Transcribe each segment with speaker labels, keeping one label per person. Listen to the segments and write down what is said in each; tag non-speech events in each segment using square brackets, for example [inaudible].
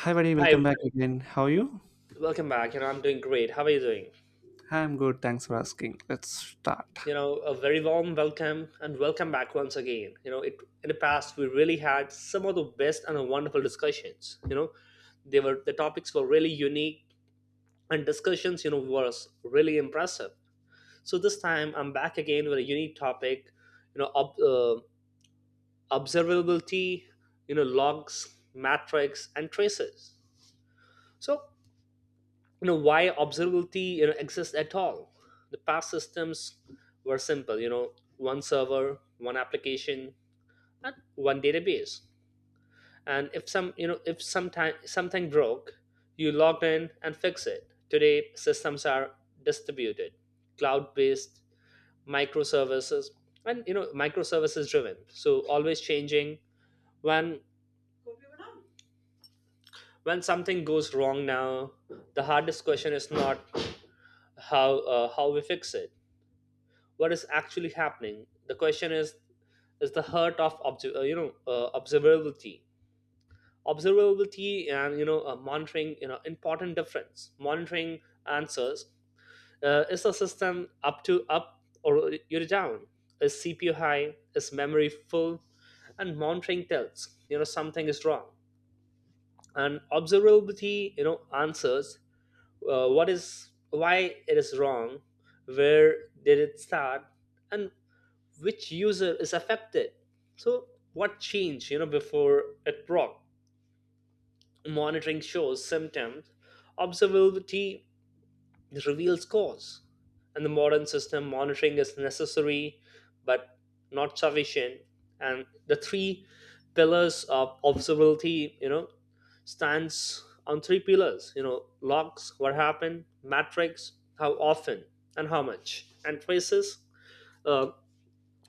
Speaker 1: Hi, buddy.
Speaker 2: Hi,
Speaker 1: Welcome back again. How are you?
Speaker 2: welcome back. I'm doing great. How are you doing?
Speaker 1: I'm good. Thanks for asking. Let's start.
Speaker 2: A very warm welcome and welcome back once again. You know, it In the past we really had some of the best and wonderful discussions. The topics were really unique, and discussions, was really impressive. So this time I'm back again with a unique topic, you know, ob- uh, observability, logs, metrics, and traces. So why observability exists at all. The past systems were simple, one server, one application, and one database. And if some you know if sometime something broke, you logged in and fix it. Today systems are distributed, cloud based, microservices, and microservices driven, so always changing. When when something goes wrong now, the hardest question is not how, how we fix it, what is actually happening. The question is the heart of observability. Observability and monitoring, important difference. Monitoring answers, is the system up or you're down, is CPU high, is memory full. And monitoring tells, something is wrong. And observability answers, what is, why it is wrong, where did it start, and which user is affected. So what changed, before it broke. Monitoring shows symptoms, observability reveals cause. And the modern system, monitoring is necessary but not sufficient. And the three pillars of observability, stands on three pillars, logs: what happened, metrics: how often and how much, and traces: uh,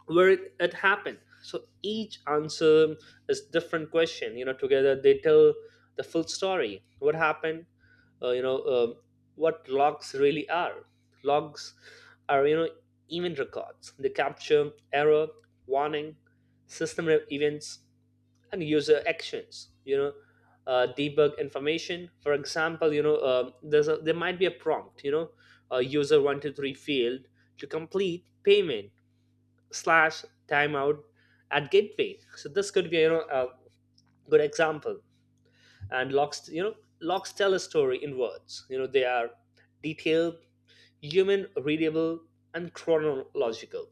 Speaker 2: where it happened. So each answer is different question, together they tell the full story, what happened. uh, you know um what logs really are. Logs are, event records. They capture error, warning, events, and user actions, debug information. For example, there might be a prompt, a user 123 field to complete payment slash timeout at gateway. So this could be, a good example. And locks, locks tell a story in words. They are detailed, human readable, and chronological.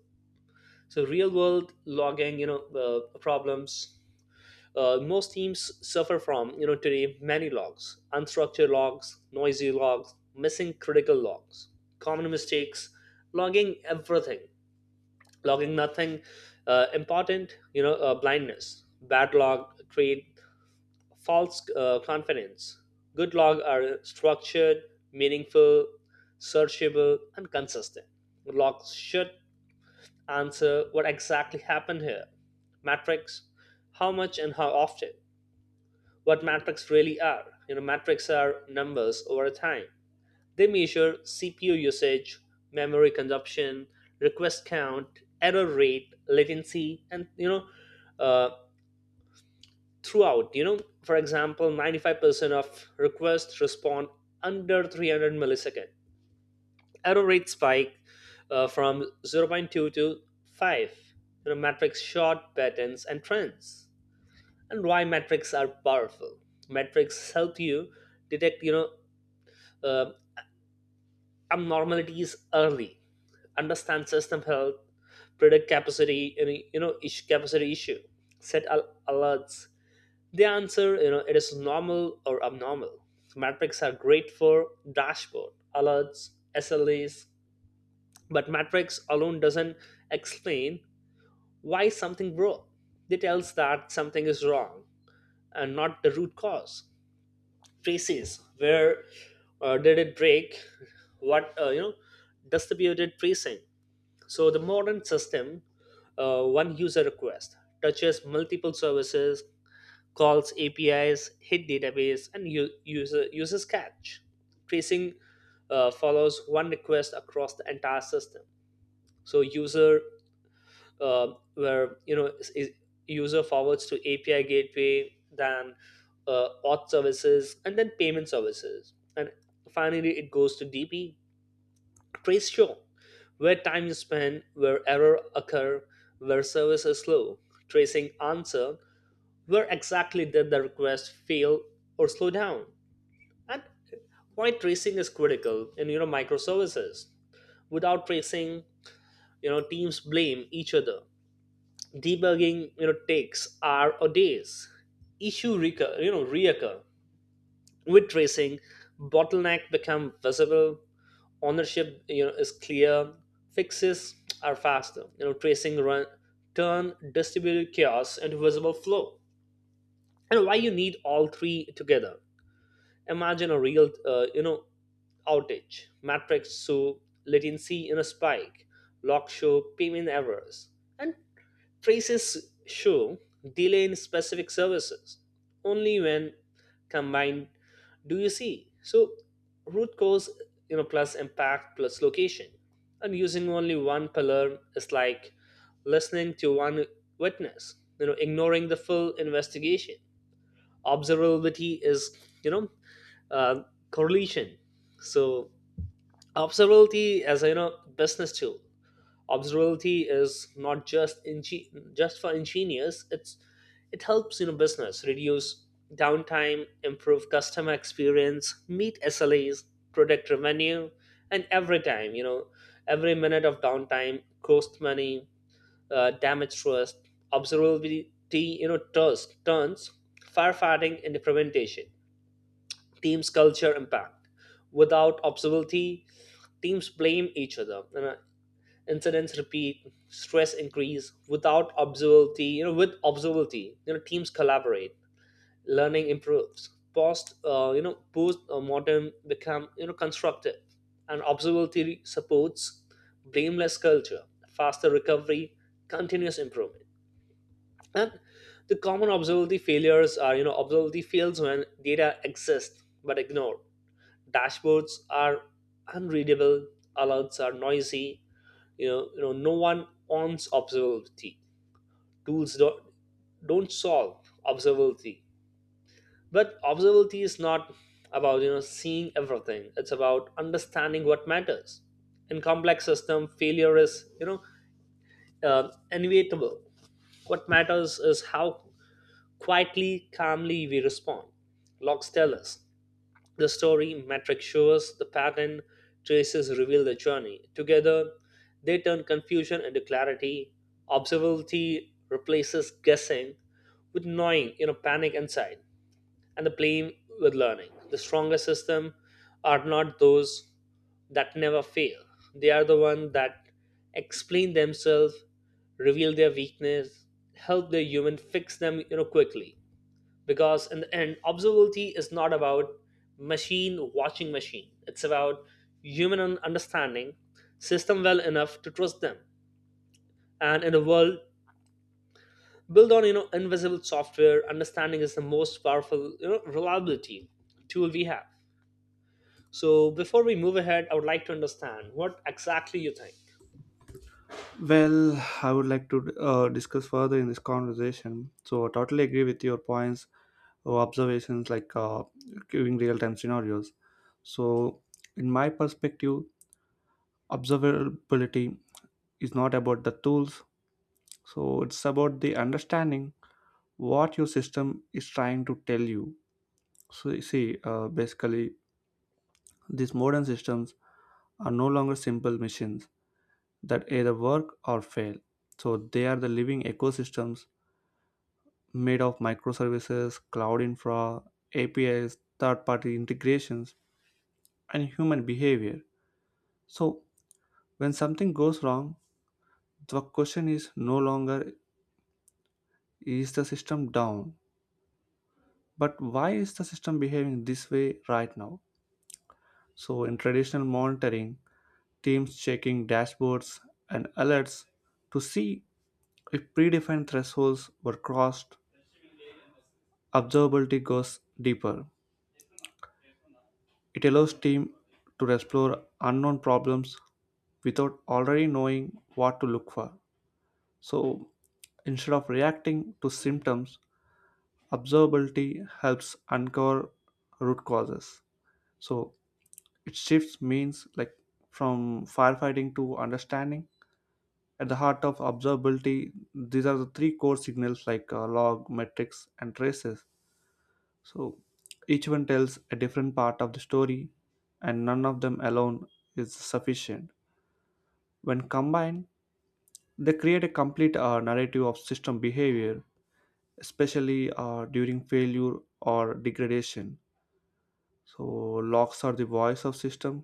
Speaker 2: So real world logging, problems. Most teams suffer from, today, many logs, unstructured logs, noisy logs, missing critical logs. Common mistakes: logging everything, logging nothing, important, blindness. Bad log create false, confidence. Good log are structured, meaningful, searchable, and consistent. Logs should answer what exactly happened here. Metrics: how much and how often. What metrics really are, metrics are numbers over time. They measure CPU usage, memory consumption, request count, error rate, latency, and uh, throughout. For example, 95% of requests respond under 300 milliseconds. Error rate spike, from zero point 0.2 to 5. Metrics short patterns and trends, and why metrics are powerful. Metrics help you detect, uh, abnormalities early, understand system health, predict capacity, ish, capacity issue, alerts. They answer, it is normal or abnormal. Metrics are great for dashboard, alerts, SLAs, but metrics alone doesn't explain why something broke. It tells that something is wrong and not the root cause. Traces: where did it break? What, distributed tracing. So the modern system, one user request, touches multiple services, calls APIs, hit database, and user uses cache. Tracing follows one request across the entire system. So user, uh, where you know is- user forwards to API gateway, then auth services, and then payment services, and finally it goes to DP. Trace-show, where time is spent, where errors occur, where service is slow. Tracing answer, where exactly did the request fail or slow down? And why tracing is critical in, microservices. Without tracing, teams blame each other. Debugging, takes hours or days. Issue recur, reoccur. With tracing, bottleneck become visible, ownership is clear, fixes are faster. Tracing run turn distributed chaos into visible flow. And why you need all three together. Imagine a real outage matrix. So latency in a spike, log show payment errors, and traces show delay in specific services. Only when combined do you see. So root cause, plus impact plus location. And using only one pillar is like listening to one witness, ignoring the full investigation. Observability is, you know, uh, correlation. So observability as a, business tool. Observability is not just for engineers. It helps, business reduce downtime, improve customer experience, meet slas, protect revenue. And every time, every minute of downtime cost money, damage trust. Observability, trust turns firefighting into preventation. Teams culture impact. Without observability, teams blame each other, incidents repeat, stress increase. Without observability you know with observability, teams collaborate, learning improves. Post modern become, constructive. And observability supports blameless culture, faster recovery, continuous improvement. And the common observability failures are, observability fails when data exists but ignored. Dashboards are unreadable, alerts are noisy, no one owns observability. Tools don't solve observability. But observability is not about, seeing everything. It's about understanding what matters. In complex system, failure is, inevitable. What matters is how quietly, calmly we respond. Logs tell us the story, metric shows the pattern, traces reveal the journey. Together, they turn confusion into clarity. Observability replaces guessing with knowing, panic inside, and the blame with learning. The strongest system are not those that never fail. They are the ones that explain themselves, reveal their weakness, help the human fix them, quickly, because in the end observability is not about machine watching machine. It's about human understanding system well enough to trust them. And in a world built on, invisible software, understanding is the most powerful, reliability tool we have. So before we move ahead, I would like to understand what exactly you think.
Speaker 1: Well, I would like to discuss further in this conversation. So, I totally agree with your points observations like giving real-time scenarios. So in my perspective, observability is not about the tools, so it's about the understanding what your system is trying to tell you. So you see, basically these modern systems are no longer simple machines that either work or fail, so they are the living ecosystems made of microservices, cloud infra, apis, third party integrations, and human behavior. So, when something goes wrong, the question is no longer is the system down, but why is the system behaving this way right now? So, in traditional monitoring, teams checking dashboards and alerts to see if predefined thresholds were crossed, observability goes deeper. It allows team to explore unknown problems without already knowing what to look for. So, instead of reacting to symptoms, observability helps uncover root causes. So it shifts means like from firefighting to understanding. At the heart of observability, these are the three core signals, like log, metrics, and traces. So each one tells a different part of the story, and none of them alone is sufficient. When combined, they create a complete narrative of system behavior, especially during failure or degradation. So logs are the voice of system.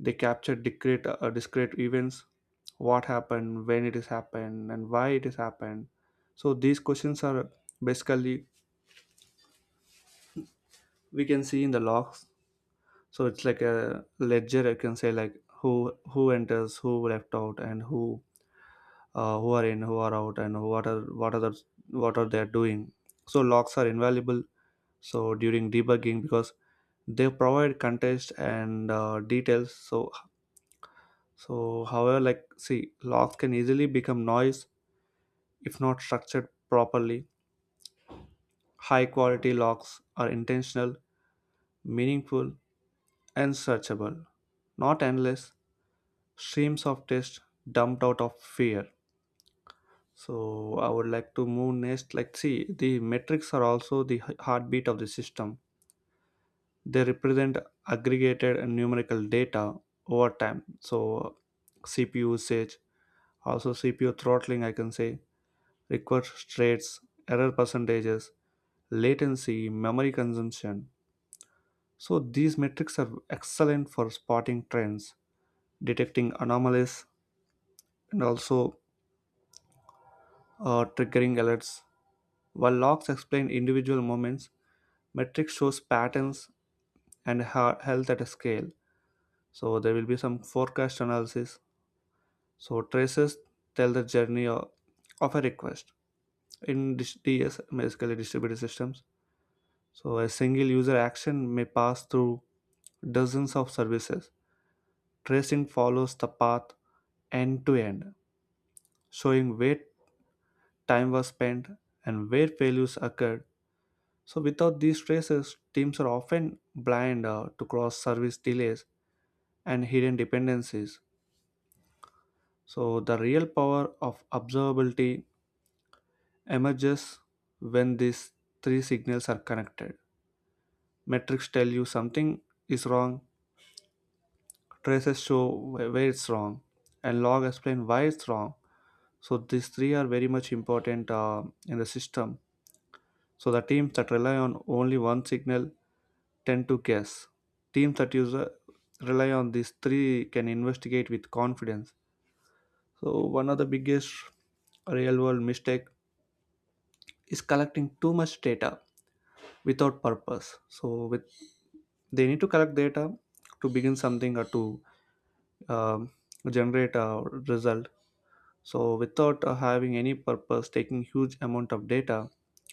Speaker 1: They capture discrete events, what happened, when it has happened, and why it has happened. So these questions are basically we can see in the logs. So it's like a ledger. I can say like who enters, who left out, and who are in, who are out, and what are they doing. So logs are invaluable. So during debugging because they provide context and details. So, however, like, see, locks can easily become noise if not structured properly. High quality locks are intentional, meaningful, and searchable, not endless streams of text dumped out of fear. So, I would like to move next. Like, see, the metrics are also the heartbeat of the system. They represent aggregated and numerical data over time. So, CPU usage, also CPU throttling, I can say, request rates, error percentages, latency, memory consumption. So these metrics are excellent for spotting trends, detecting anomalies, and also triggering alerts. While logs explain individual moments, metrics shows patterns and health at a scale. So there will be some forecast analysis. So traces tell the journey of a request in DS, basically distributed systems. So, a single user action may pass through dozens of services. Tracing follows the path end to end, showing where time was spent and where failures occurred. So, without these traces, teams are often blind to cross service delays and hidden dependencies. So, the real power of observability emerges when these three signals are connected. Metrics tell you something is wrong, traces show where it's wrong, and log explain why it's wrong. So these three are very much important in the system. So the teams that rely on only one signal tend to guess. Teams that use rely on these three can investigate with confidence. So one of the biggest real world mistake is collecting too much data without purpose. So with they need to collect data to begin something or to um, generate a result. So without having any purpose, taking huge amount of data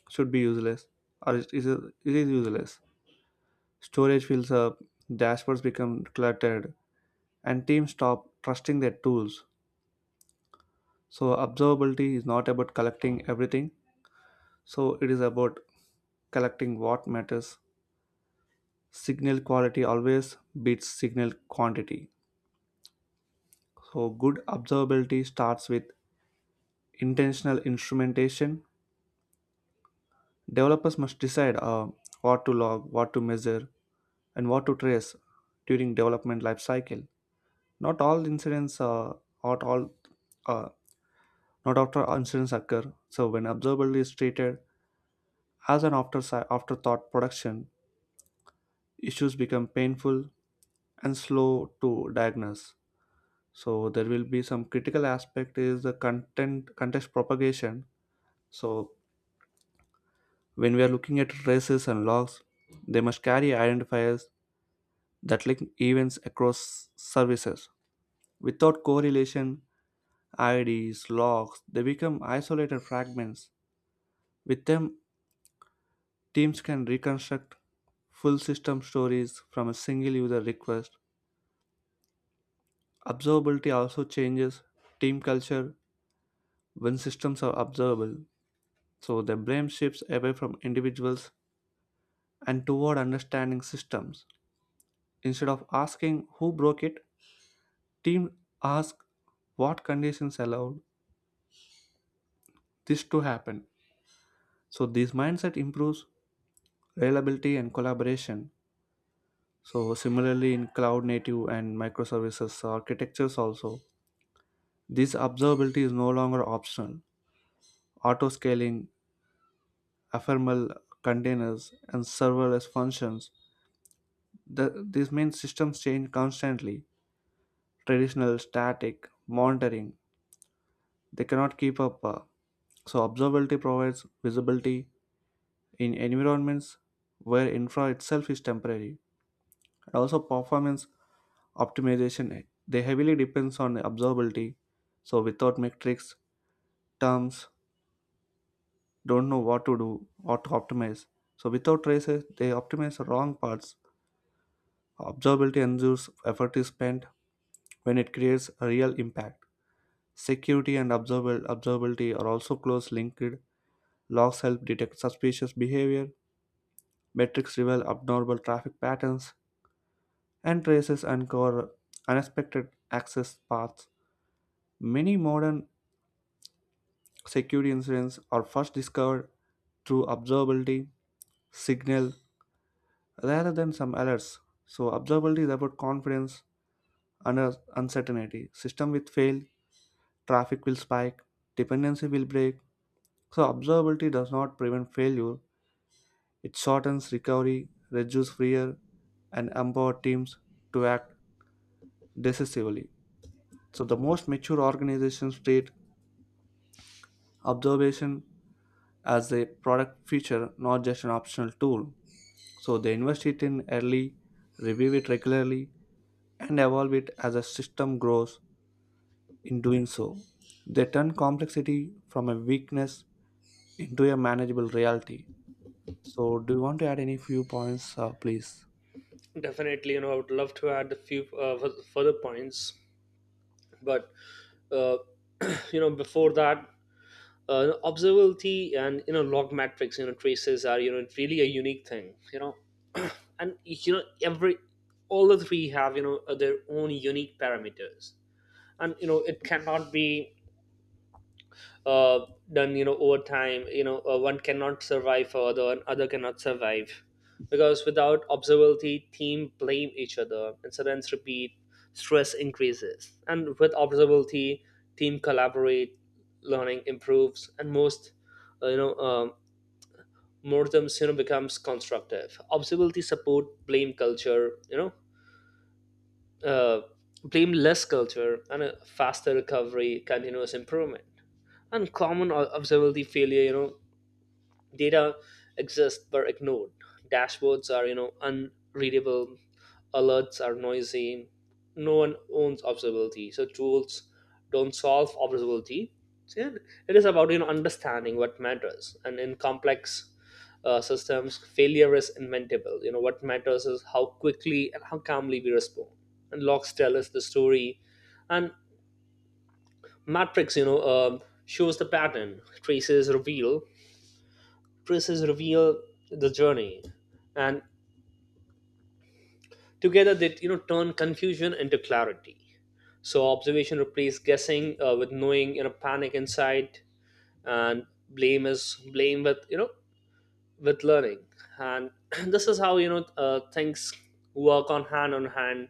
Speaker 1: should be useless, or it is useless. Storage fills up, dashboards become cluttered, and teams stop trusting their tools. So observability is not about collecting everything. So it is about collecting what matters. Signal quality always beats signal quantity. So good observability starts with intentional instrumentation. Developers must decide what to log, what to measure, and what to trace during development life cycle. Not all incidents, not all, uh, Not after incidents occur. So when observability is treated as an afterthought production, issues become painful and slow to diagnose. So there will be some critical aspect is the content context propagation. So when we are looking at traces and logs, they must carry identifiers that link events across services. Without correlation, IDs, logs, they become isolated fragments. With them, teams can reconstruct full system stories from a single user request. Observability also changes team culture when systems are observable. So the blame shifts away from individuals and toward understanding systems. Instead of asking who broke it, teams ask what conditions allowed this to happen. So this mindset improves reliability and collaboration. So similarly in cloud native and microservices architectures also, this observability is no longer optional. Auto scaling, ephemeral containers, and serverless functions. The, this means systems change constantly. Traditional static monitoring, they cannot keep up. So observability provides visibility in environments where infra itself is temporary. And also performance optimization, they heavily depends on observability. So without metrics, terms don't know what to do or to optimize. So without traces, they optimize the wrong parts. Observability ensures effort is spent when it creates a real impact. Security and observable observability are also closely linked. Logs help detect suspicious behavior, metrics reveal abnormal traffic patterns, and traces uncover unexpected access paths. Many modern security incidents are first discovered through observability signal rather than some alerts. So observability is about confidence under uncertainty. System will fail, traffic will spike, dependency will break. So observability does not prevent failure. It shortens recovery, reduces fear, and empower teams to act decisively. So the most mature organizations treat observation as a product feature, not just an optional tool. So they invest it in early, review it regularly, and evolve it as a system grows in doing so. They turn complexity from a weakness into a manageable reality. So, do you want to add any few points, please?
Speaker 2: Definitely, I would love to add a few further points, but uh, [clears throat] before that, observability and, log, metrics, traces are, really a unique thing. [clears throat] And, you know every all the three have, their own unique parameters. And, it cannot be uh, done, over time. One cannot survive for other, and other cannot survive, because without observability, team blame each other, incidents repeat, stress increases, and with observability, team collaborate, learning improves. And most uh, you know um, mortems, becomes constructive. Observability support blame culture, uh, blame less culture, and a faster recovery, continuous improvement. And common observability failure, data exists were ignored, dashboards are, unreadable, alerts are noisy, no one owns observability, so tools don't solve observability. So, yeah, it is about, understanding what matters. And in complex systems, failure is inventable, what matters is how quickly and how calmly we respond. And logs tell us the story, and matrix, shows the pattern, traces reveal the journey. And together they, turn confusion into clarity. So observation replaces guessing, with knowing, panic insight, and blame with you know with learning. And [clears throat] this is how, things work on hand on hand,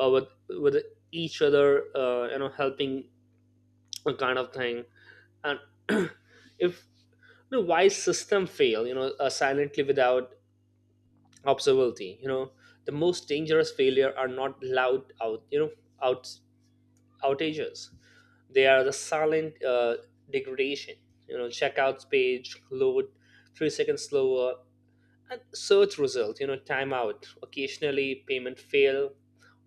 Speaker 2: with each other, helping a kind of thing. And [clears throat] if the wise system fail, silently, without observability, the most dangerous failure are not loud out you know out outages. They are the silent, degradation. Checkouts page load 3 seconds slower, and search result, timeout occasionally, payment fail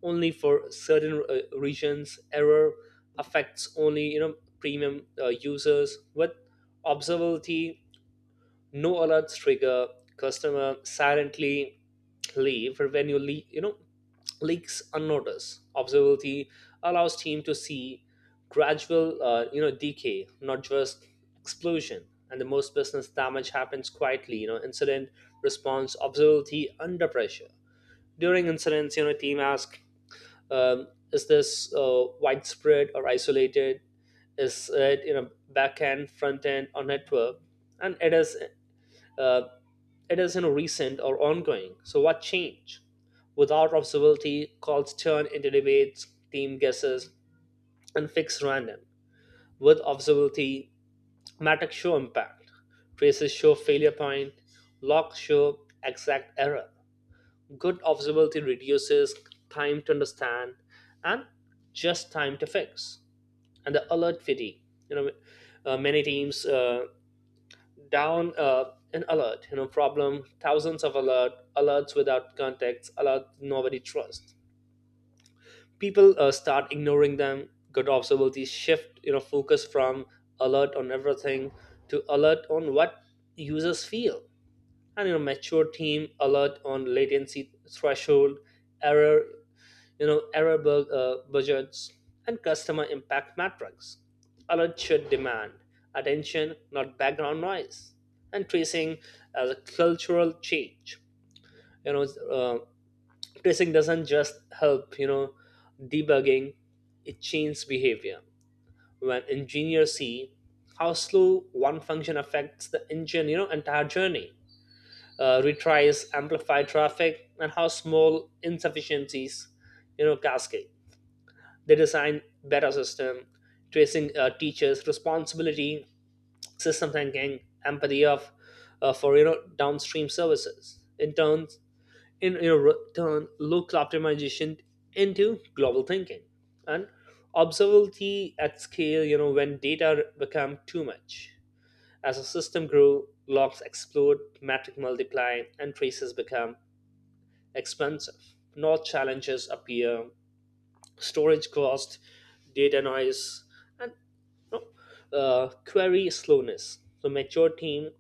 Speaker 2: only for certain regions, error affects only, premium users. With observability, no alerts trigger, customer silently play. For when you le- you know leaks unnoticed. Observability allows team to see gradual, decay, not just explosion. And the most business damage happens quietly, incident response, observability under pressure. During incidents, team ask, is this widespread or isolated, is it, back end, front end, or network, and it is uh, it is, recent or ongoing. So what change? Without observability, calls turn into debates, team guesses, and fixed random. With observability, metrics show impact, traces show failure point, logs show exact error. Good observability reduces time to understand and just time to fix. And the alert fatigue. You know, many teams down an alert problem, thousands of alerts without context, alerts nobody trusts, people start ignoring them. Good observability shift focus from alert on everything to alert on what users feel. And mature team alert on latency threshold, error, error bug, budgets, and customer impact metrics. Alert should demand attention, not background noise. And tracing as a cultural change. you know uh, Tracing doesn't just help, debugging, it changes behavior. When engineers see how slow one function affects the engine, entire journey, retries amplify traffic, and how small insufficiencies cascade, they design better system. Tracing teachers' responsibility, system thinking, empathy of for downstream services. In turn, in turn local optimization into global thinking and observability at scale. You know when data become too much. As a system grow, logs explode, metric multiply, and traces become expensive. Not challenges appear, storage cost, data noise, and you query slowness. So mature team,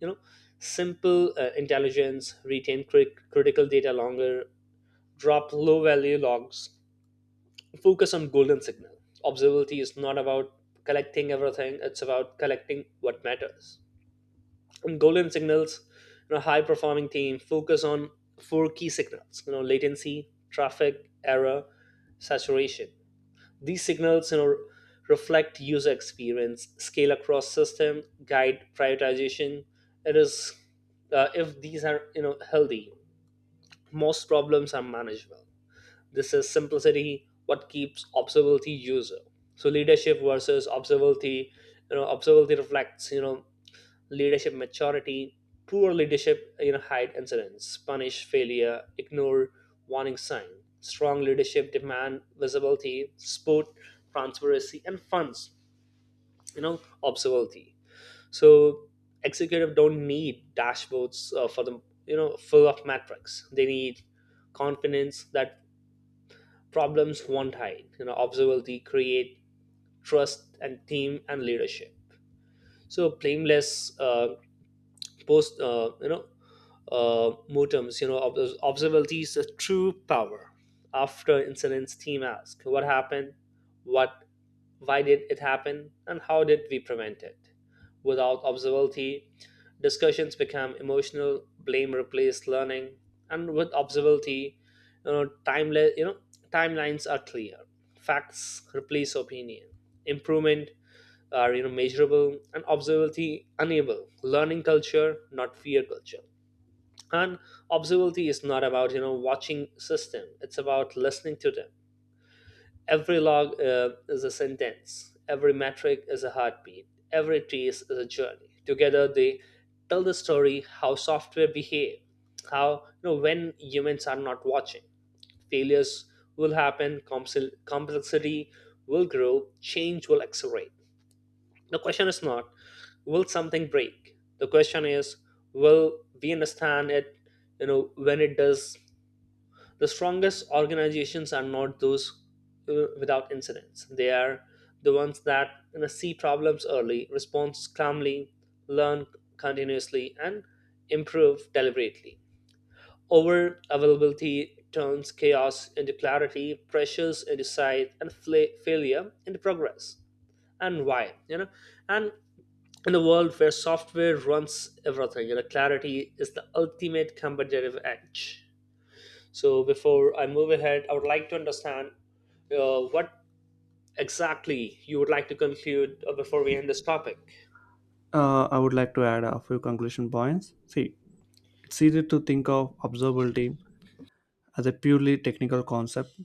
Speaker 2: you know, simple intelligence, retain critical data longer, drop low value logs, focus on golden signal. Observability is not about collecting everything; it's about collecting what matters. And golden signals, high performing team focus on four key signals. You know, latency, traffic, error, saturation, these signals, reflect user experience, scale across system, guide prioritization. It is if these are healthy, most problems are manageable. This is simplicity. What keeps observability user? So leadership versus observability. You know, observability reflects leadership maturity, poor leadership hide incidents, punish failure, ignore warning sign. Strong leadership demand visibility, support transparency, and funds observability. So executive don't need dashboards for the full of metrics, they need confidence that problems won't hide. Observability create trust and team and leadership. So blameless post modems, observability is the true power. After incidents, team ask what happened, what, why did it happen, and how did we prevent it. Without observability, discussions become emotional. Blame replaced learning, and with observability, you know, timeless, you know, timelines are clear. Facts replace opinion. Improvement are measurable, and observability enable learning culture, not fear culture. And observability is not about watching system, it's about listening to them. Every log is a sentence, every metric is a heartbeat, every trace is a journey. Together they tell the story how software behave, how when humans are not watching. Failures will happen, complexity will grow, change will accelerate. The question is not will something break, the question is will we understand it, when it does. The strongest organizations are not those without incidents. They are the ones that, see problems early, respond calmly, learn continuously, and improve deliberately. Over availability turns chaos into clarity, pressures into sight, and failure into progress. And why? You know, and in a world where software runs everything, clarity is the ultimate competitive edge. So before I move ahead, I would like to understand what exactly you would like to conclude before we end this topic.
Speaker 1: I would like to add a few conclusion points. See, it's easy to think of observability as a purely technical concept: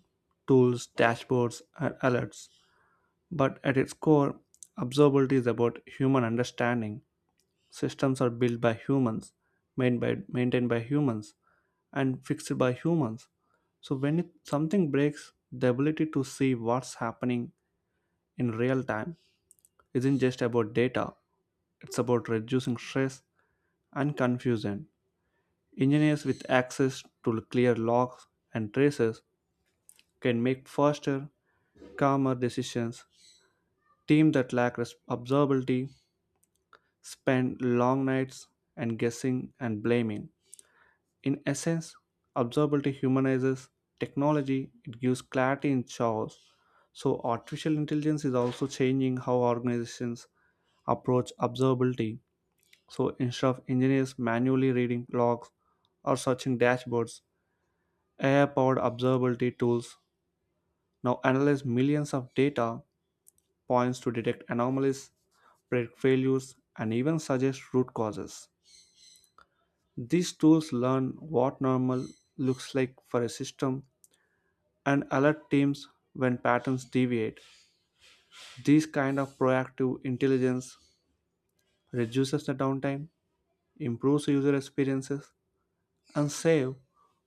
Speaker 1: tools, dashboards, and alerts. But at its core, observability is about human understanding. Systems are built by humans, made by, maintained by humans, and fixed by humans. So when it, something breaks, the ability to see what's happening in real time isn't just about data. It's about reducing stress and confusion. Engineers with access to clear logs and traces can make faster, calmer decisions. Teams that lack observability spend long nights and guessing and blaming. In essence, observability humanizes technology, it gives clarity in chaos. So, artificial intelligence is also changing how organizations approach observability. So, instead of engineers manually reading logs or searching dashboards, AI powered observability tools now analyze millions of data points to detect anomalies, predict failures, and even suggest root causes. These tools learn what normal looks like for a system and alert teams when patterns deviate. This kind of proactive intelligence reduces the downtime, improves user experiences, and save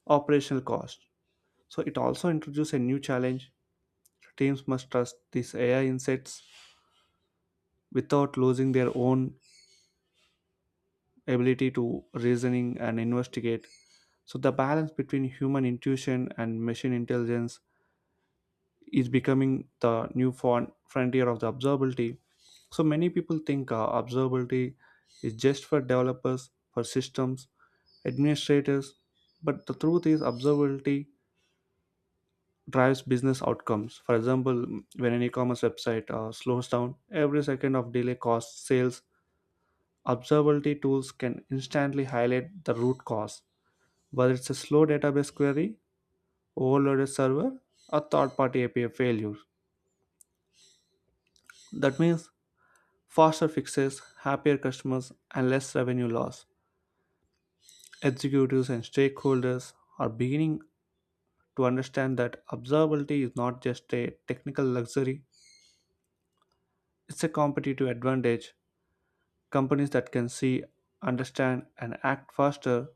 Speaker 1: operational costs. So it also introduces a new challenge. Teams must trust these AI insights without losing their own ability to reasoning and investigate. So the balance between human intuition and machine intelligence is becoming the new frontier of the observability. So many people think observability is just for developers, for systems, administrators, but the truth is observability drives business outcomes. For example, when an e-commerce website slows down, every second of delay costs sales. Observability tools can instantly highlight the root cause, whether it's a slow database query, overloaded server, or third-party API failure. That means faster fixes, happier customers, and less revenue loss. Executives and stakeholders are beginning to understand that observability is not just a technical luxury, it's a competitive advantage. Companies that can see, understand, and act faster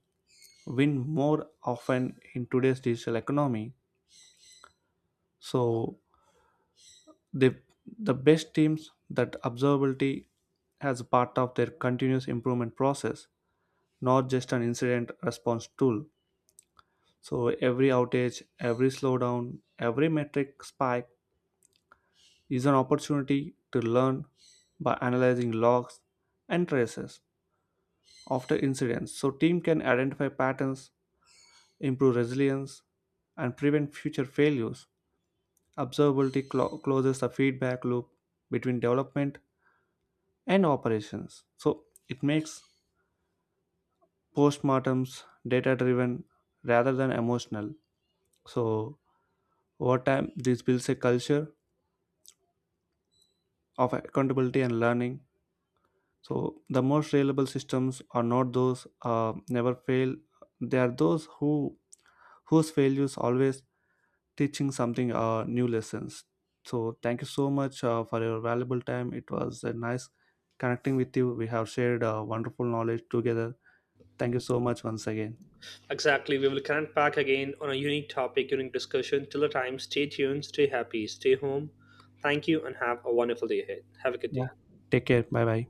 Speaker 1: win more often in today's digital economy. So, the, the best teams that observability as part of their continuous improvement process, not just an incident response tool. So every outage, every slowdown, every metric spike is an opportunity to learn by analyzing logs and traces after incidents. So team can identify patterns, improve resilience, and prevent future failures. Observability closes the feedback loop between development and operations. So it makes postmortems data driven rather than emotional. So over time this builds a culture of accountability and learning. So the most reliable systems are not those never fail. They are those who whose failures always teaching something new lessons. So thank you so much for your valuable time. It was a nice connecting with you. We have shared wonderful knowledge together. Thank you so much once again.
Speaker 2: Exactly, we will connect back again on a unique topic during discussion. Till the time, stay tuned, stay happy, stay home. Thank you, and have a wonderful day ahead. Have a good
Speaker 1: Yeah.
Speaker 2: day.
Speaker 1: Take care. Bye bye.